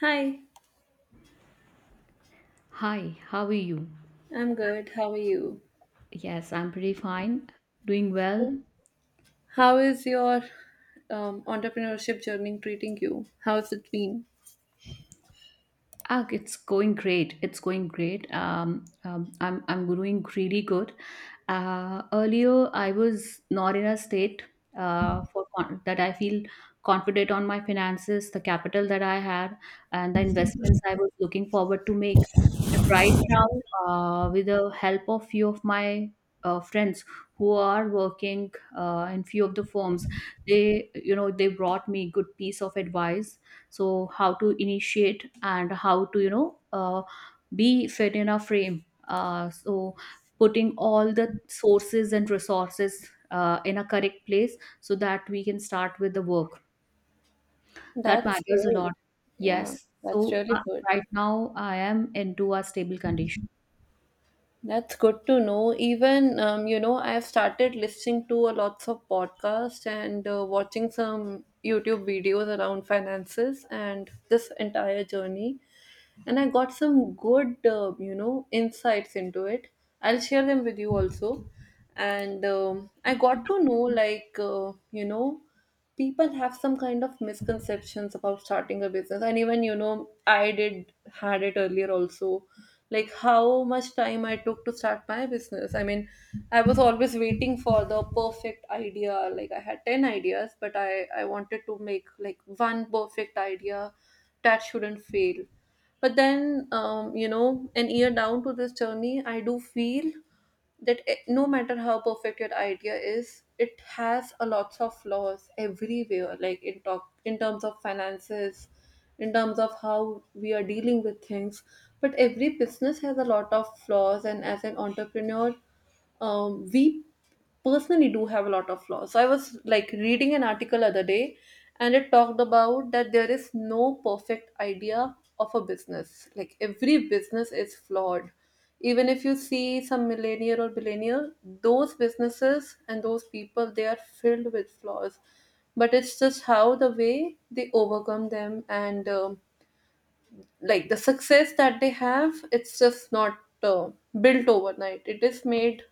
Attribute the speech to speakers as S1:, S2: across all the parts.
S1: Hi,
S2: Hi, how are you?
S1: I'm good. How are you?
S2: Yes, I'm pretty fine. Doing well.
S1: How is your entrepreneurship journey treating you? How's it been?
S2: Ah, it's going great. It's going great. I'm doing really good. Earlier, I was not in a state that I feel confident on my finances, the capital that I had, and the investments I was looking forward to make. But right now, with the help of few of my friends who are working in few of the firms, they you know they brought me good piece of advice. So how to initiate, and how to be fit in a frame, so putting all the sources and resources in a correct place so that we can start with the work that
S1: That's
S2: matters a
S1: good.
S2: lot.
S1: Yeah,
S2: Yes,
S1: that's
S2: so
S1: really good.
S2: right now I am into a stable condition.
S1: That's good to know. Even, I've started listening to a lots of podcasts and watching some YouTube videos around finances and this entire journey. And I got some good, insights into it. I'll share them with you also. And I got to know, like, people have some kind of misconceptions about starting a business. And even I did had it earlier also. Like, how much time I took to start my business. I mean, I was always waiting for the perfect idea. Like, I had 10 ideas, but I wanted to make like one perfect idea that shouldn't fail, but then, an year down to this journey, I do feel that no matter how perfect your idea is, it has a lots of flaws everywhere. Like in talk, in terms of finances, in terms of how we are dealing with things. But every business has a lot of flaws, and as an entrepreneur, we personally do have a lot of flaws. So I was like reading an article other day, and it talked about that there is no perfect idea of a business. Like every business is flawed. Even if you see some millennial or billionaire, those businesses and those people, they are filled with flaws. But it's just how the way they overcome them, and like the success that they have, it's just not built overnight. It is made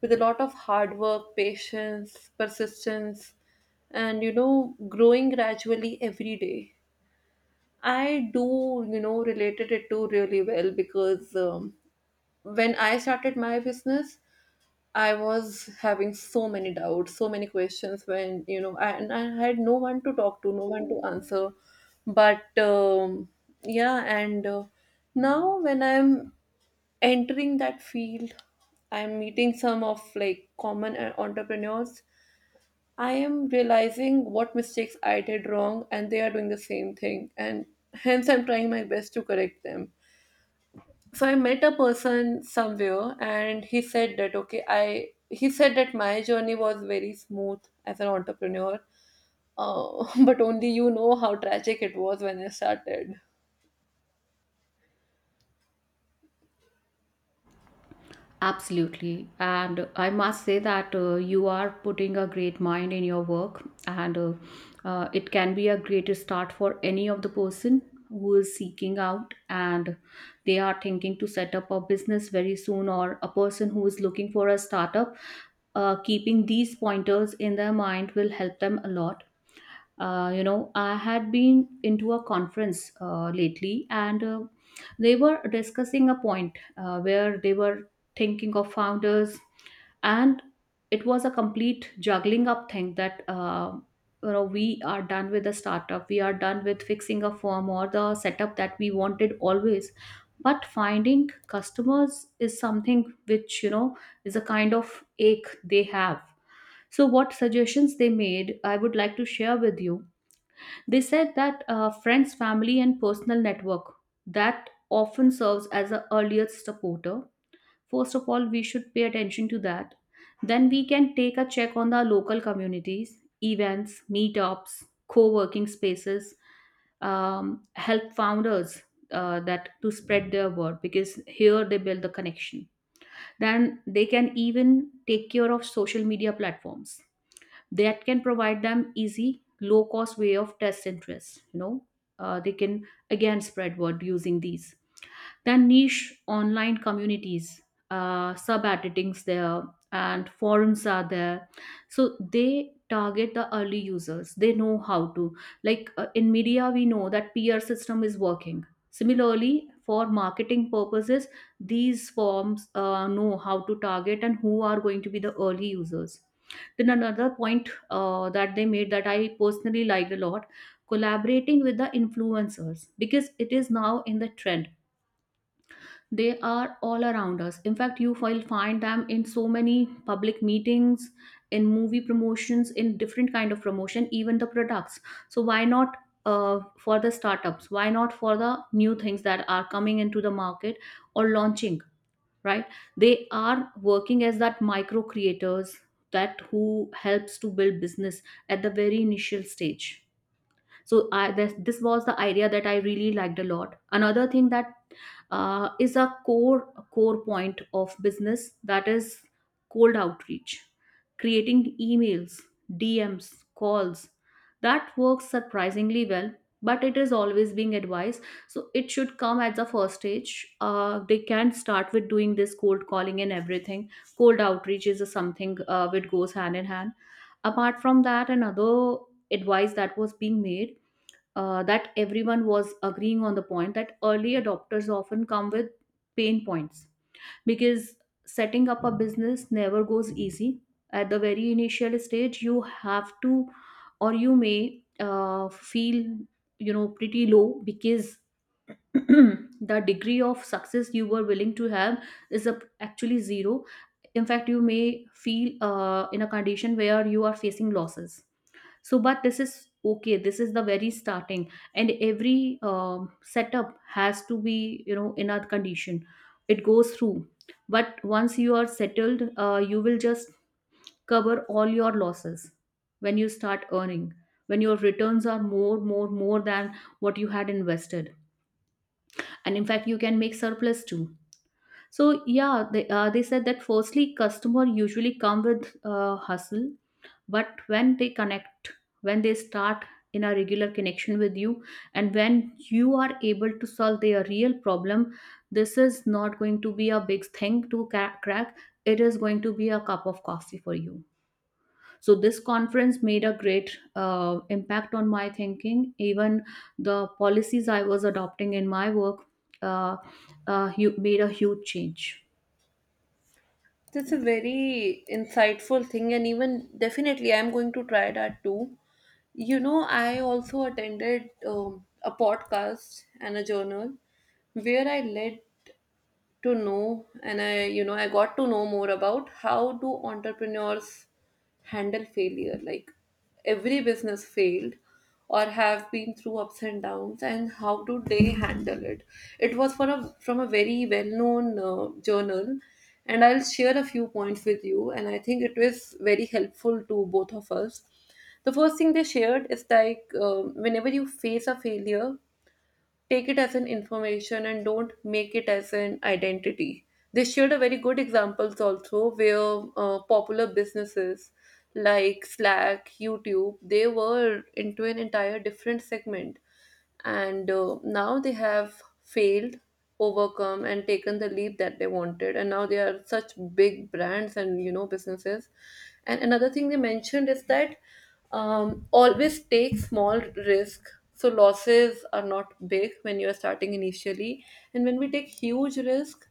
S1: with a lot of hard work, patience, persistence, and growing gradually every day. I do related it to really well because when I started my business, I was having so many doubts, so many questions when I, and I had no one to talk to, no one to answer. But yeah, and now when I'm entering that field, I'm meeting some of like common entrepreneurs. I am realizing what mistakes I did wrong, and they are doing the same thing. And hence, I'm trying my best to correct them. So I met a person somewhere, and he said that, okay, I he said that my journey was very smooth as an entrepreneur, but only you know how tragic it was when I started.
S2: Absolutely. And I must say that you are putting a great mind in your work, and it can be a great start for any of the person who is seeking out and they are thinking to set up a business very soon, or a person who is looking for a startup. Keeping these pointers in their mind will help them a lot. You know, I had been into a conference lately, and they were discussing a point where they were thinking of founders. And it was a complete juggling up thing that, we are done with the startup, we are done with fixing a firm or the setup that we wanted always, but finding customers is something which, is a kind of ache they have. So what suggestions they made, I would like to share with you. They said that friends, family, and personal network, that often serves as the earliest supporter. First of all, we should pay attention to that. Then we can take a check on the local communities, events, meetups, co-working spaces, help founders that to spread their word, because here they build the connection. Then they can even take care of social media platforms that can provide them easy low cost way of test interest, they can again spread word using these. Then niche online communities, sub editings there, and forums are there, so they target the early users. They know how to, like, in media we know that PR system is working, similarly for marketing purposes, these forms know how to target and who are going to be the early users. Then another point that they made that I personally liked a lot: collaborating with the influencers, because it is now in the trend. They are all around us. In fact, you will find them in so many public meetings, in movie promotions, in different kind of promotion, even the products. So why not for the startups? Why not for the new things that are coming into the market or launching? Right, they are working as that micro creators that who helps to build business at the very initial stage. So this was the idea that I really liked a lot. Another thing that is a core point of business, that is cold outreach, creating emails, DMs, calls, that works surprisingly well. But it is always being advised, so it should come at the first stage. They can start with doing this cold calling and everything. Cold outreach is a something which goes hand in hand. Apart from that, another advice that was being made, that everyone was agreeing on the point that early adopters often come with pain points, because setting up a business never goes easy. At the very initial stage, you have to, or you may feel, pretty low, because the degree of success you were willing to have is actually zero. In fact, you may feel in a condition where you are facing losses. So but this is okay, this is the very starting, and every setup has to be, in a condition it goes through. But once you are settled, you will just cover all your losses when you start earning, when your returns are more than what you had invested, and in fact you can make surplus too. So yeah, they said that firstly, customer usually come with hustle, but when they connect, when they start in a regular connection with you, and when you are able to solve their real problem, this is not going to be a big thing to crack. It is going to be a cup of coffee for you. So this conference made a great impact on my thinking. Even the policies I was adopting in my work uh, made a huge change.
S1: That's a very insightful thing, and even definitely I'm going to try that too. I also attended a podcast and a journal where I led to know, and I got to know more about how do entrepreneurs handle failure, like every business failed or have been through ups and downs, and how do they handle it. It was for a from a very well known journal, and I'll share a few points with you, and I think it was very helpful to both of us. The first thing they shared is like whenever you face a failure, take it as an information and don't make it as an identity. They shared a very good examples also where popular businesses like Slack, YouTube, they were into an entire different segment, and now they have failed, overcome and taken the leap that they wanted, and now they are such big brands and businesses. And another thing they mentioned is that always take small risk. So losses are not big when you are starting initially, and when we take huge risk,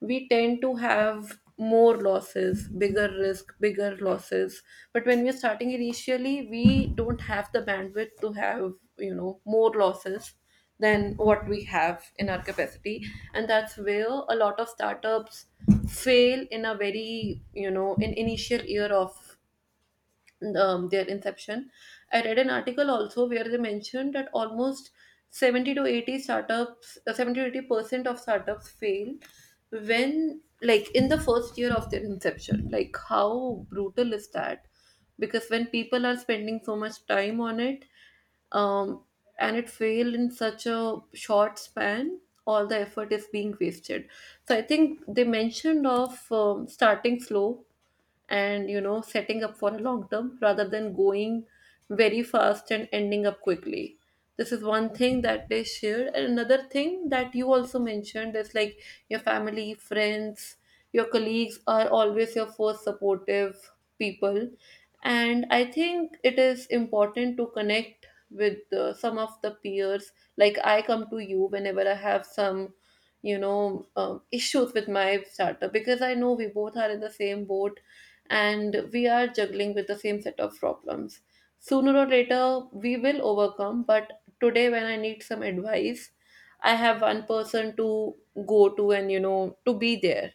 S1: we tend to have more losses, bigger risk, bigger losses. But when we're starting initially, we don't have the bandwidth to have more losses than what we have in our capacity. And that's where a lot of startups fail in a very in initial year of their inception. I read an article also where they mentioned that almost 70 to 80 startups, 70 to 80% of startups fail when, like, in the first year of their inception. Like, how brutal is that? Because when people are spending so much time on it, um, and it failed in such a short span, all the effort is being wasted. So I think they mentioned of starting slow, and setting up for a long term rather than going very fast and ending up quickly. This is one thing that they shared, and another thing that you also mentioned is like your family, friends, your colleagues are always your first supportive people. And I think it is important to connect with some of the peers, like I come to you whenever I have some issues with my startup because I know we both are in the same boat, and we are juggling with the same set of problems. Sooner or later, we will overcome, but today, when I need some advice, I have one person to go to and to be there.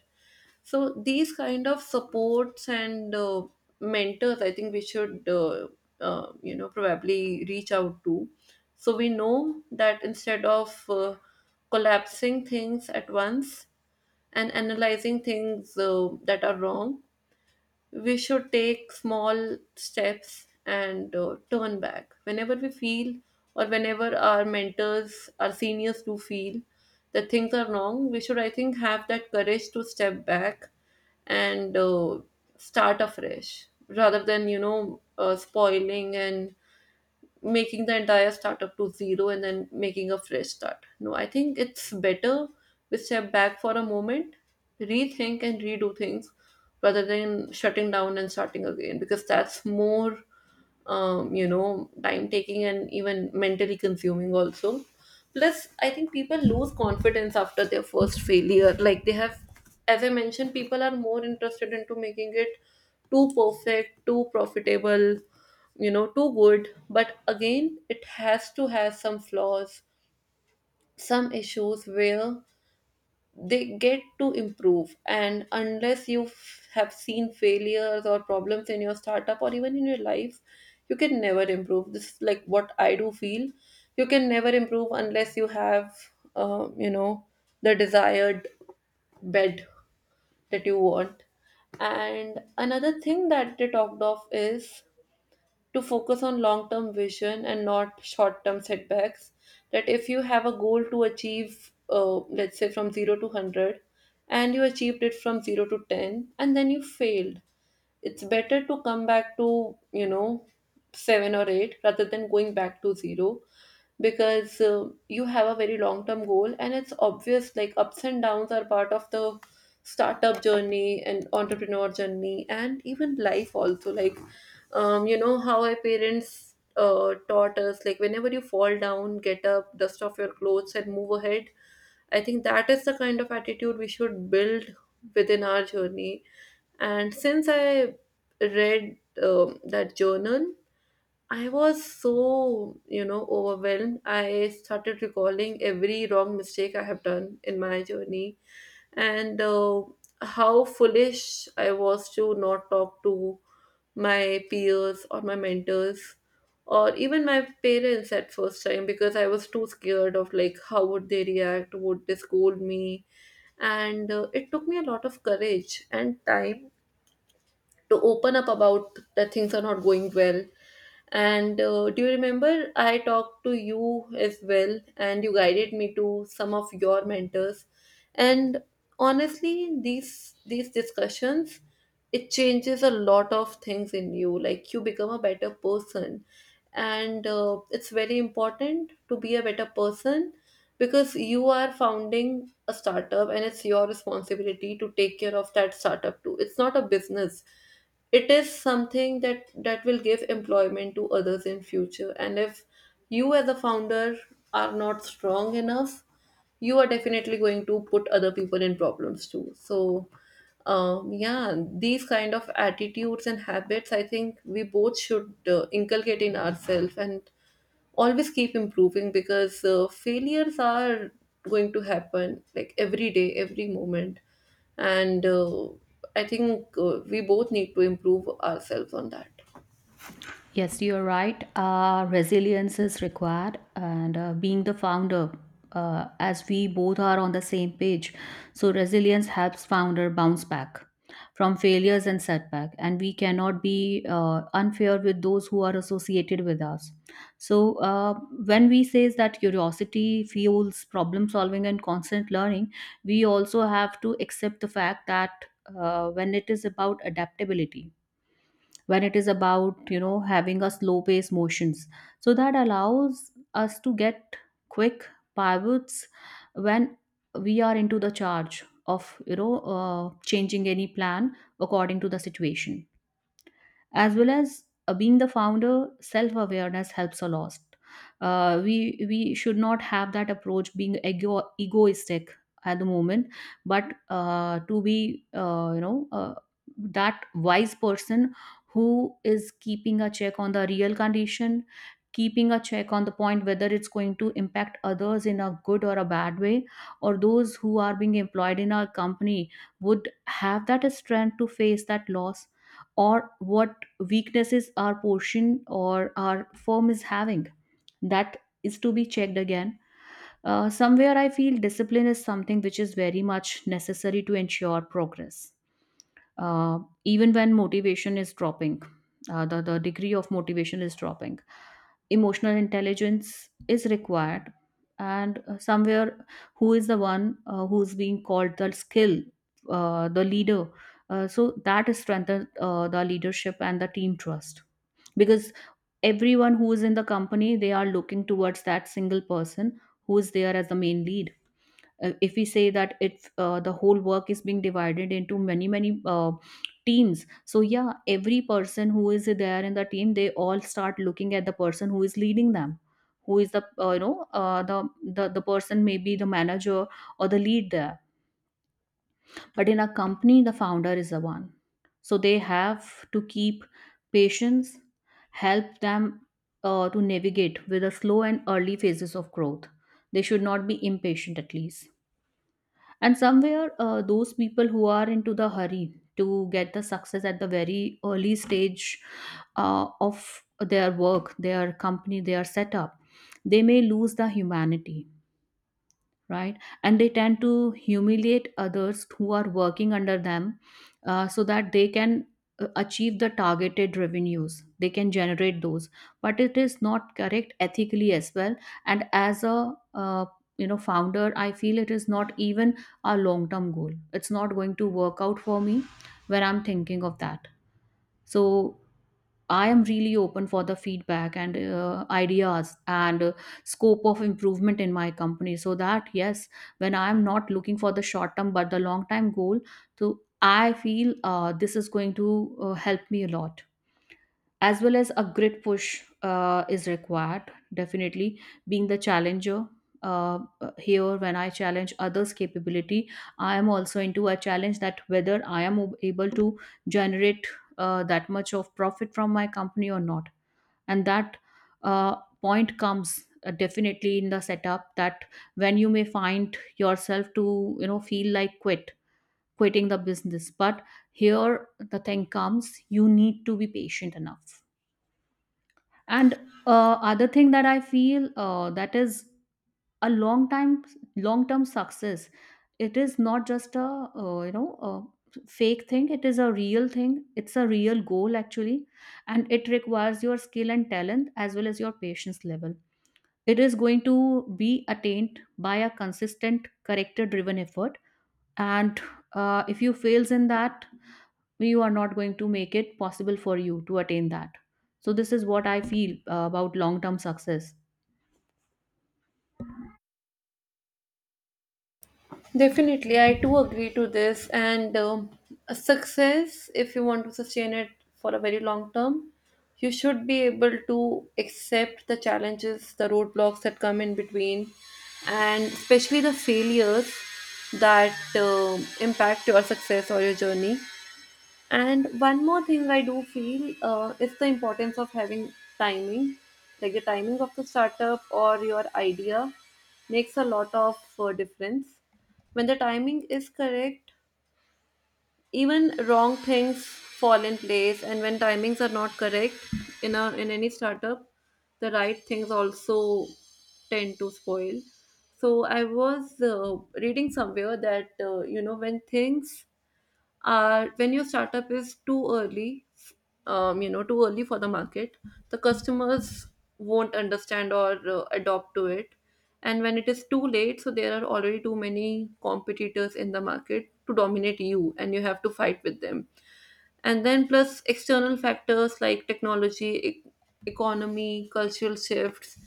S1: So, these kind of supports and mentors, I think we should probably reach out to. So, we know that instead of collapsing things at once and analyzing things that are wrong, we should take small steps and turn back whenever we feel or whenever our mentors, our seniors do feel that things are wrong. We should, I think, have that courage to step back and start afresh rather than spoiling and making the entire startup to zero and then making a fresh start. No, I think it's better we step back for a moment, rethink and redo things rather than shutting down and starting again because that's more time taking and even mentally consuming also. Plus, I think people lose confidence after their first failure. Like they have, as I mentioned, people are more interested into making it too perfect, too profitable, too good. But again, it has to have some flaws, some issues where they get to improve, and unless you have seen failures or problems in your startup or even in your life, you can never improve. This is like what I do feel. You can never improve unless you have uh, you know the desired bed that you want. And another thing that they talked of is to focus on long term vision and not short term setbacks. That if you have a goal to achieve, let's say from 0 to 100, and you achieved it from 0 to 10, and then you failed, it's better to come back to 7 or 8 rather than going back to 0 because you have a very long term goal, and it's obvious like ups and downs are part of the startup journey and entrepreneur journey and even life also, like you know how our parents taught us, like whenever you fall down, get up, dust off your clothes and move ahead. I think that is the kind of attitude we should build within our journey. And since I read that journal, I was so overwhelmed. I started recalling every wrong mistake I have done in my journey, and how foolish I was to not talk to my peers or my mentors or even my parents at first time because I was too scared of like how would they react, would they scold me? And it took me a lot of courage and time to open up about that things are not going well. And do you remember I talked to you as well, and you guided me to some of your mentors. And honestly, these discussions, it changes a lot of things in you. Like you become a better person, and it's very important to be a better person because you are founding a startup, and it's your responsibility to take care of that startup too. It's not a business. It is something that will give employment to others in future. And if you as a founder are not strong enough, you are definitely going to put other people in problems too. So, yeah, these kind of attitudes and habits, I think we both should inculcate in ourselves and always keep improving because failures are going to happen like every day, every moment. And I think, we both need to improve ourselves on that.
S2: Yes, you're right. Resilience is required, and being the founder, as we both are on the same page, so resilience helps founder bounce back from failures and setback, and we cannot be unfair with those who are associated with us. So when we says that curiosity fuels problem solving and constant learning, we also have to accept the fact that, when it is about adaptability, when it is about, having a slow pace motions, so that allows us to get quick pivots when we are into the charge of, changing any plan according to the situation. As well as being the founder, self awareness helps a lot. We should not have that approach, being egoistic at the moment, but to be, that wise person who is keeping a check on the real condition, keeping a check on the point whether it's going to impact others in a good or a bad way, or those who are being employed in our company would have that strength to face that loss, or what weaknesses our portion or our firm is having. That is to be checked again. Somewhere I feel discipline is something which is very much necessary to ensure progress. Even when motivation is dropping, the degree of motivation is dropping, emotional intelligence is required. And somewhere, who is the one who's being called the skill, the leader? So that is strengthened the leadership and the team trust, because everyone who is in the company, they are looking towards that single person who is there as the main lead. If we say that if the whole work is being divided into many many uh, teams, so yeah, every person who is there in the team, they all start looking at the person who is leading them, who is the uh, the, person, maybe the manager or the lead there, but in a company, the founder is the one. So they have to keep patience, help them to navigate with the slow and early phases of growth. They should not be impatient, at least. And somewhere, those people who are into the hurry to get the success at the very early stage of their work, their company, their setup, they may lose the humanity, right? And they tend to humiliate others who are working under them, so that they can achieve the targeted revenues. They can generate those, but it is not correct ethically as well. And as a, founder, I feel it is not even a long term goal. It's not going to work out for me when I'm thinking of that. So I am really open for the feedback and ideas and scope of improvement in my company so that yes, when I am not looking for the short term but the long term goal, so I feel this is going to help me a lot, as well as a grit push is required definitely, being the challenger. uh, Here when I challenge others capability, I am also into a challenge that whether I am able to generate that much of profit from my company or not. And that uh, point comes definitely in the setup that when you may find yourself to feel like quitting the business. But here the thing comes, you need to be patient enough. And other thing that I feel that is a long time long term success, it is not just a a fake thing, it is a real thing, it's a real goal actually. And it requires your skill and talent as well as your patience level. It is going to be attained by a consistent character driven effort, and if you fails in that, you are not going to make it possible for you to attain that. So, this is what I feel about long term success.
S1: Definitely, I do agree to this. And a success, if you want to sustain it for a very long term, you should be able to accept the challenges, the roadblocks that come in between, and especially the failures that impact your success or your journey. And one more thing I do feel is the importance of having timing, like the timing of the startup or your idea makes a lot of difference. When the timing is correct, even wrong things fall in place, and when timings are not correct in any startup, the right things also tend to spoil. So I was reading somewhere that when things are when your startup is too early, too early for the market, the customers won't understand or adopt to it. And when it is too late, so there are already too many competitors in the market to dominate you and you have to fight with them. And then plus external factors like technology, economy, cultural shifts.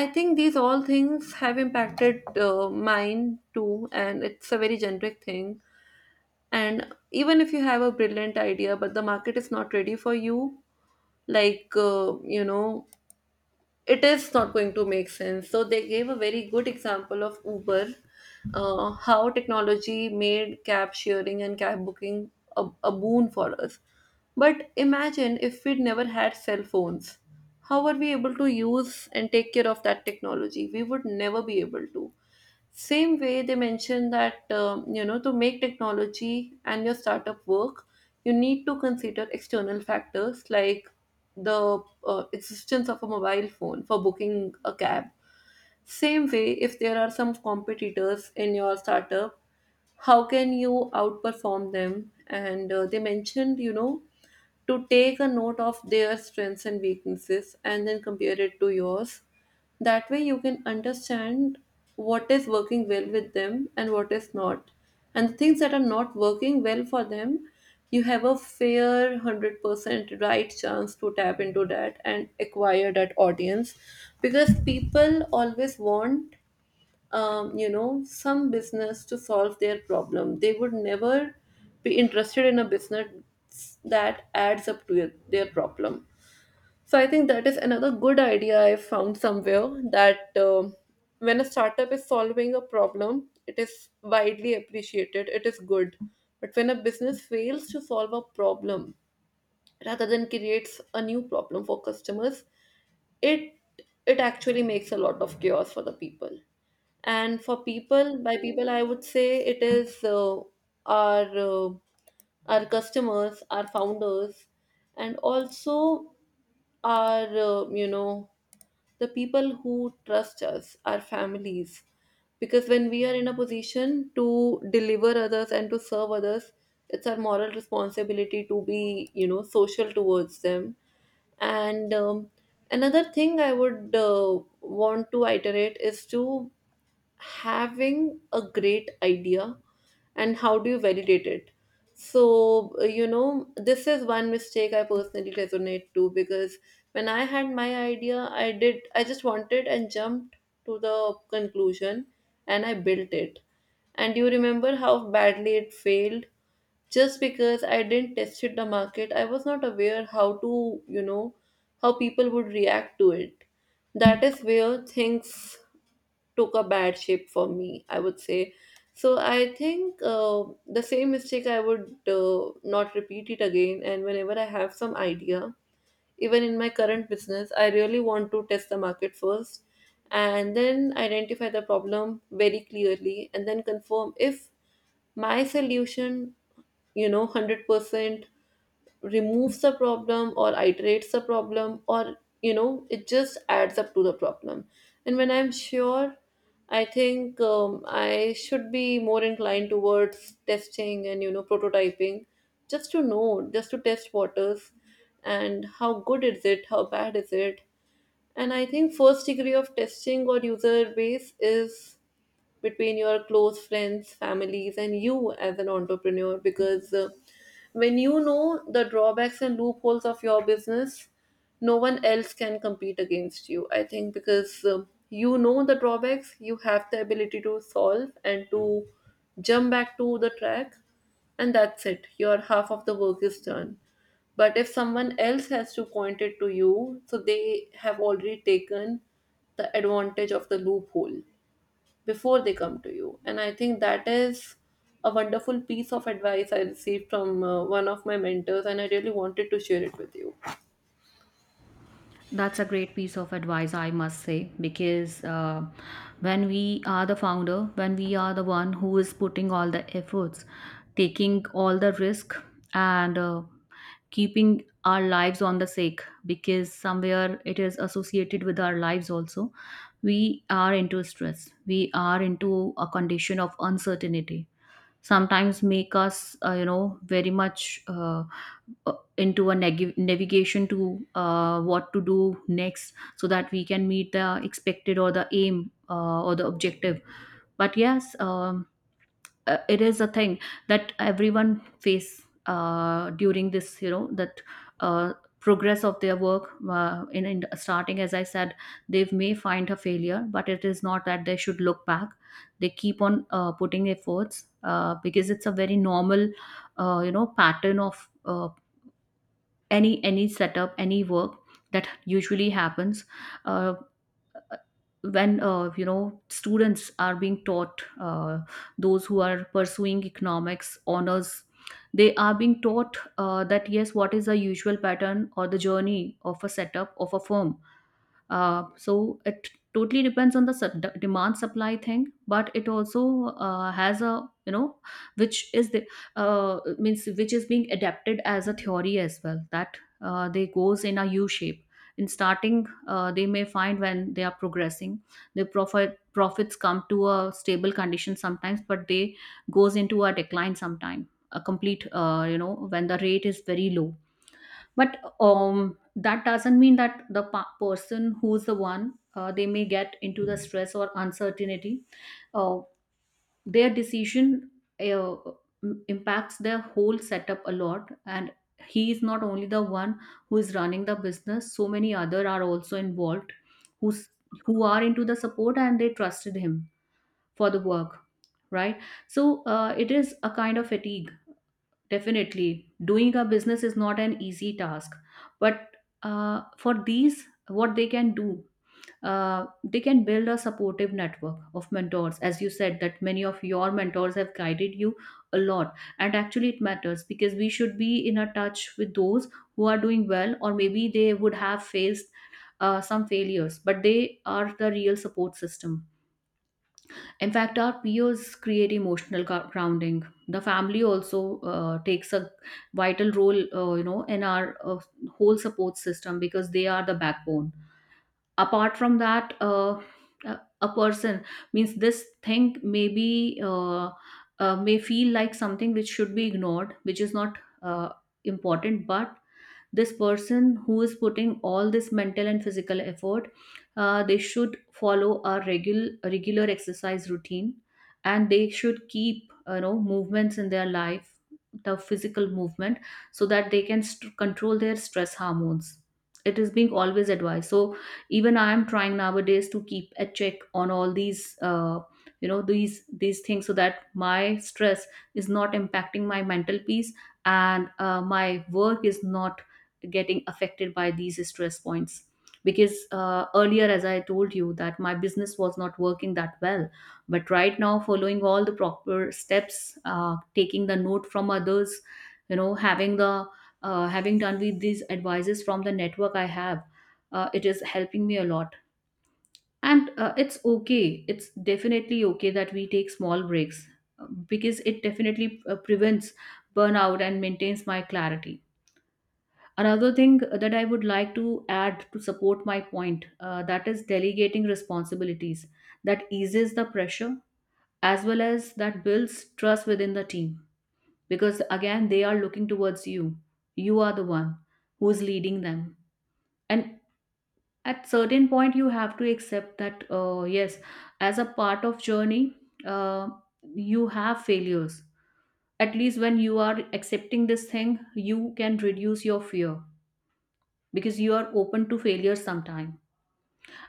S1: I think these all things have impacted mine too, and it's a very generic thing. And even if you have a brilliant idea but the market is not ready for you, like it is not going to make sense. So they gave a very good example of Uber, how technology made cab sharing and cab booking a boon for us. But imagine if we'd never had cell phones, how are we able to use and take care of that technology? We would never be able to. Same way, they mentioned that, to make technology and your startup work, you need to consider external factors like the existence of a mobile phone for booking a cab. Same way, if there are some competitors in your startup, how can you outperform them? And they mentioned, to take a note of their strengths and weaknesses and then compare it to yours. That way, you can understand what is working well with them and what is not. And the things that are not working well for them, you have a fair 100% right chance to tap into that and acquire that audience, because people always want, some business to solve their problem. They would never be interested in a business that adds up to their problem. So I think that is another good idea I found somewhere, that when a startup is solving a problem, it is widely appreciated, it is good. But when a business fails to solve a problem, rather than creates a new problem for customers, it it actually makes a lot of chaos for the people. And for people, by people I would say it is our uh, our customers, our founders, and also our, the people who trust us, our families. Because when we are in a position to deliver others and to serve others, it's our moral responsibility to be, social towards them. And another thing I would want to iterate is to having a great idea and how do you validate it. So, this is one mistake I personally resonate to, because when I had my idea, I just wanted and jumped to the conclusion, and I built it. And you remember how badly it failed? Just because I didn't tested the market, I was not aware how to, how people would react to it. That is where things took a bad shape for me, I would say. So I think, the same mistake I would not repeat it again. And whenever I have some idea, even in my current business, I really want to test the market first and then identify the problem very clearly, and then confirm if my solution, 100% removes the problem or iterates the problem, or it just adds up to the problem. And when I'm sure, I think I should be more inclined towards testing and, prototyping, just to know, just to test waters and how good is it, how bad is it. And I think first degree of testing or user base is between your close friends, families, and you as an entrepreneur. Because when you know the drawbacks and loopholes of your business, no one else can compete against you. I think because you know the drawbacks, you have the ability to solve and to jump back to the track, and that's it. Your half of the work is done. But if someone else has to point it to you, so they have already taken the advantage of the loophole before they come to you. And I think that is a wonderful piece of advice I received from one of my mentors, and I really wanted to share it with you.
S2: That's a great piece of advice, I must say, because when we are the founder, when we are the one who is putting all the efforts, taking all the risk, and keeping our lives on the sake, because somewhere it is associated with our lives also, we are into stress. We are into a condition of uncertainty sometimes, make us very much into a navigation to what to do next so that we can meet the expected or the aim or the objective. But yes, um, it is a thing that everyone face during this, you know, that uh, progress of their work in starting, as I said, they may find a failure, but it is not that they should look back. They keep on putting efforts because it's a very normal pattern of any setup, any work that usually happens. uh, when students are being taught those who are pursuing economics honors, they are being taught that yes, what is the usual pattern or the journey of a setup of a firm. So it totally depends on the demand supply thing, but it also has, a which is the means, which is being adapted as a theory as well, that they goes in a U shape. In starting, they may find, when they are progressing, the profits come to a stable condition sometimes, but they goes into a decline sometime. A complete, when the rate is very low. But um, that doesn't mean that the person who's the one, they may get into the stress or uncertainty. uh, their decision uh, impacts their whole setup a lot. And he is not only the one who is running the business, so many other are also involved, who's who are into the support and they trusted him for the work, right? So it is a kind of fatigue. Definitely, doing a business is not an easy task, but for these, what they can do, they can build a supportive network of mentors. As you said, that many of your mentors have guided you a lot, and actually, it matters because we should be in a touch with those who are doing well, or maybe they would have faced some failures, but they are the real support system. In fact, our peers create emotional grounding. The family also takes a vital role, in our whole support system, because they are the backbone. Apart from that, a person means this thing maybe may feel like something which should be ignored, which is not uh, important, but this person who is putting all this mental and physical effort, they should follow a regular exercise routine, and they should keep, movements in their life, the physical movement, so that they can control their stress hormones. It is being always advised. So even I am trying nowadays to keep a check on all these these things, so that my stress is not impacting my mental peace, and my work is not getting affected by these stress points. Because earlier, as I told you, that my business was not working that well, but right now, following all the proper steps, taking the note from others, having the having done with these advices from the network I have, it is helping me a lot. And it's okay, it's definitely okay that we take small breaks, because it definitely prevents burnout and maintains my clarity. Another thing that I would like to add to support my point that is delegating responsibilities, that eases the pressure as well as that builds trust within the team, because again they are looking towards you. You are the one who is leading them, and at certain point you have to accept that yes, as a part of journey, uh, you have failures. At least when you are accepting this thing, you can reduce your fear, because you are open to failure sometime.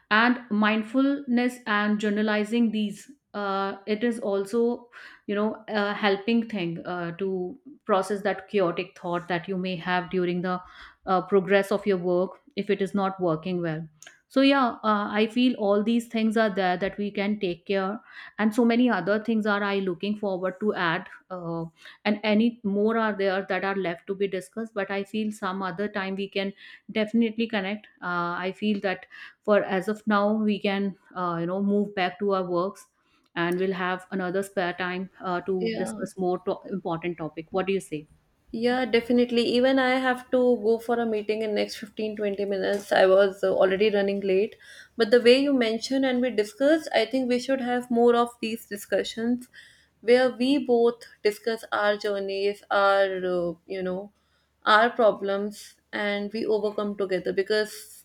S2: And mindfulness and journalizing these, it is also, a helping thing to process that chaotic thought that you may have during the progress of your work, if it is not working well. So yeah, I feel all these things are there that we can take care, and so many other things are I looking forward to add, and any more are there that are left to be discussed, but I feel some other time we can definitely connect. I feel that for as of now, we can move back to our works, and we'll have another spare time to
S1: Yeah.
S2: discuss more important topic. What do you say?
S1: Yeah, definitely. Even I have to go for a meeting in next 15-20 minutes. I was already running late. But the way you mentioned and we discussed, I think we should have more of these discussions where we both discuss our journeys, our, our problems, and we overcome together. Because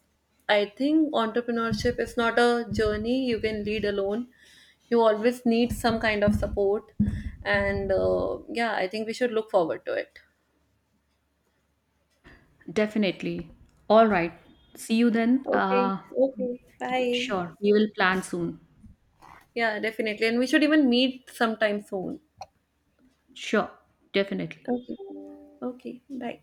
S1: I think entrepreneurship is not a journey you can lead alone. You always need some kind of support. And yeah, I think we should look forward to it.
S2: Definitely. All right, see you then.
S1: Okay, okay.
S2: Yeah,
S1: Bye.
S2: sure, we will plan soon.
S1: Yeah, definitely. And we should even meet sometime soon.
S2: Sure, definitely.
S1: Okay. Okay, bye.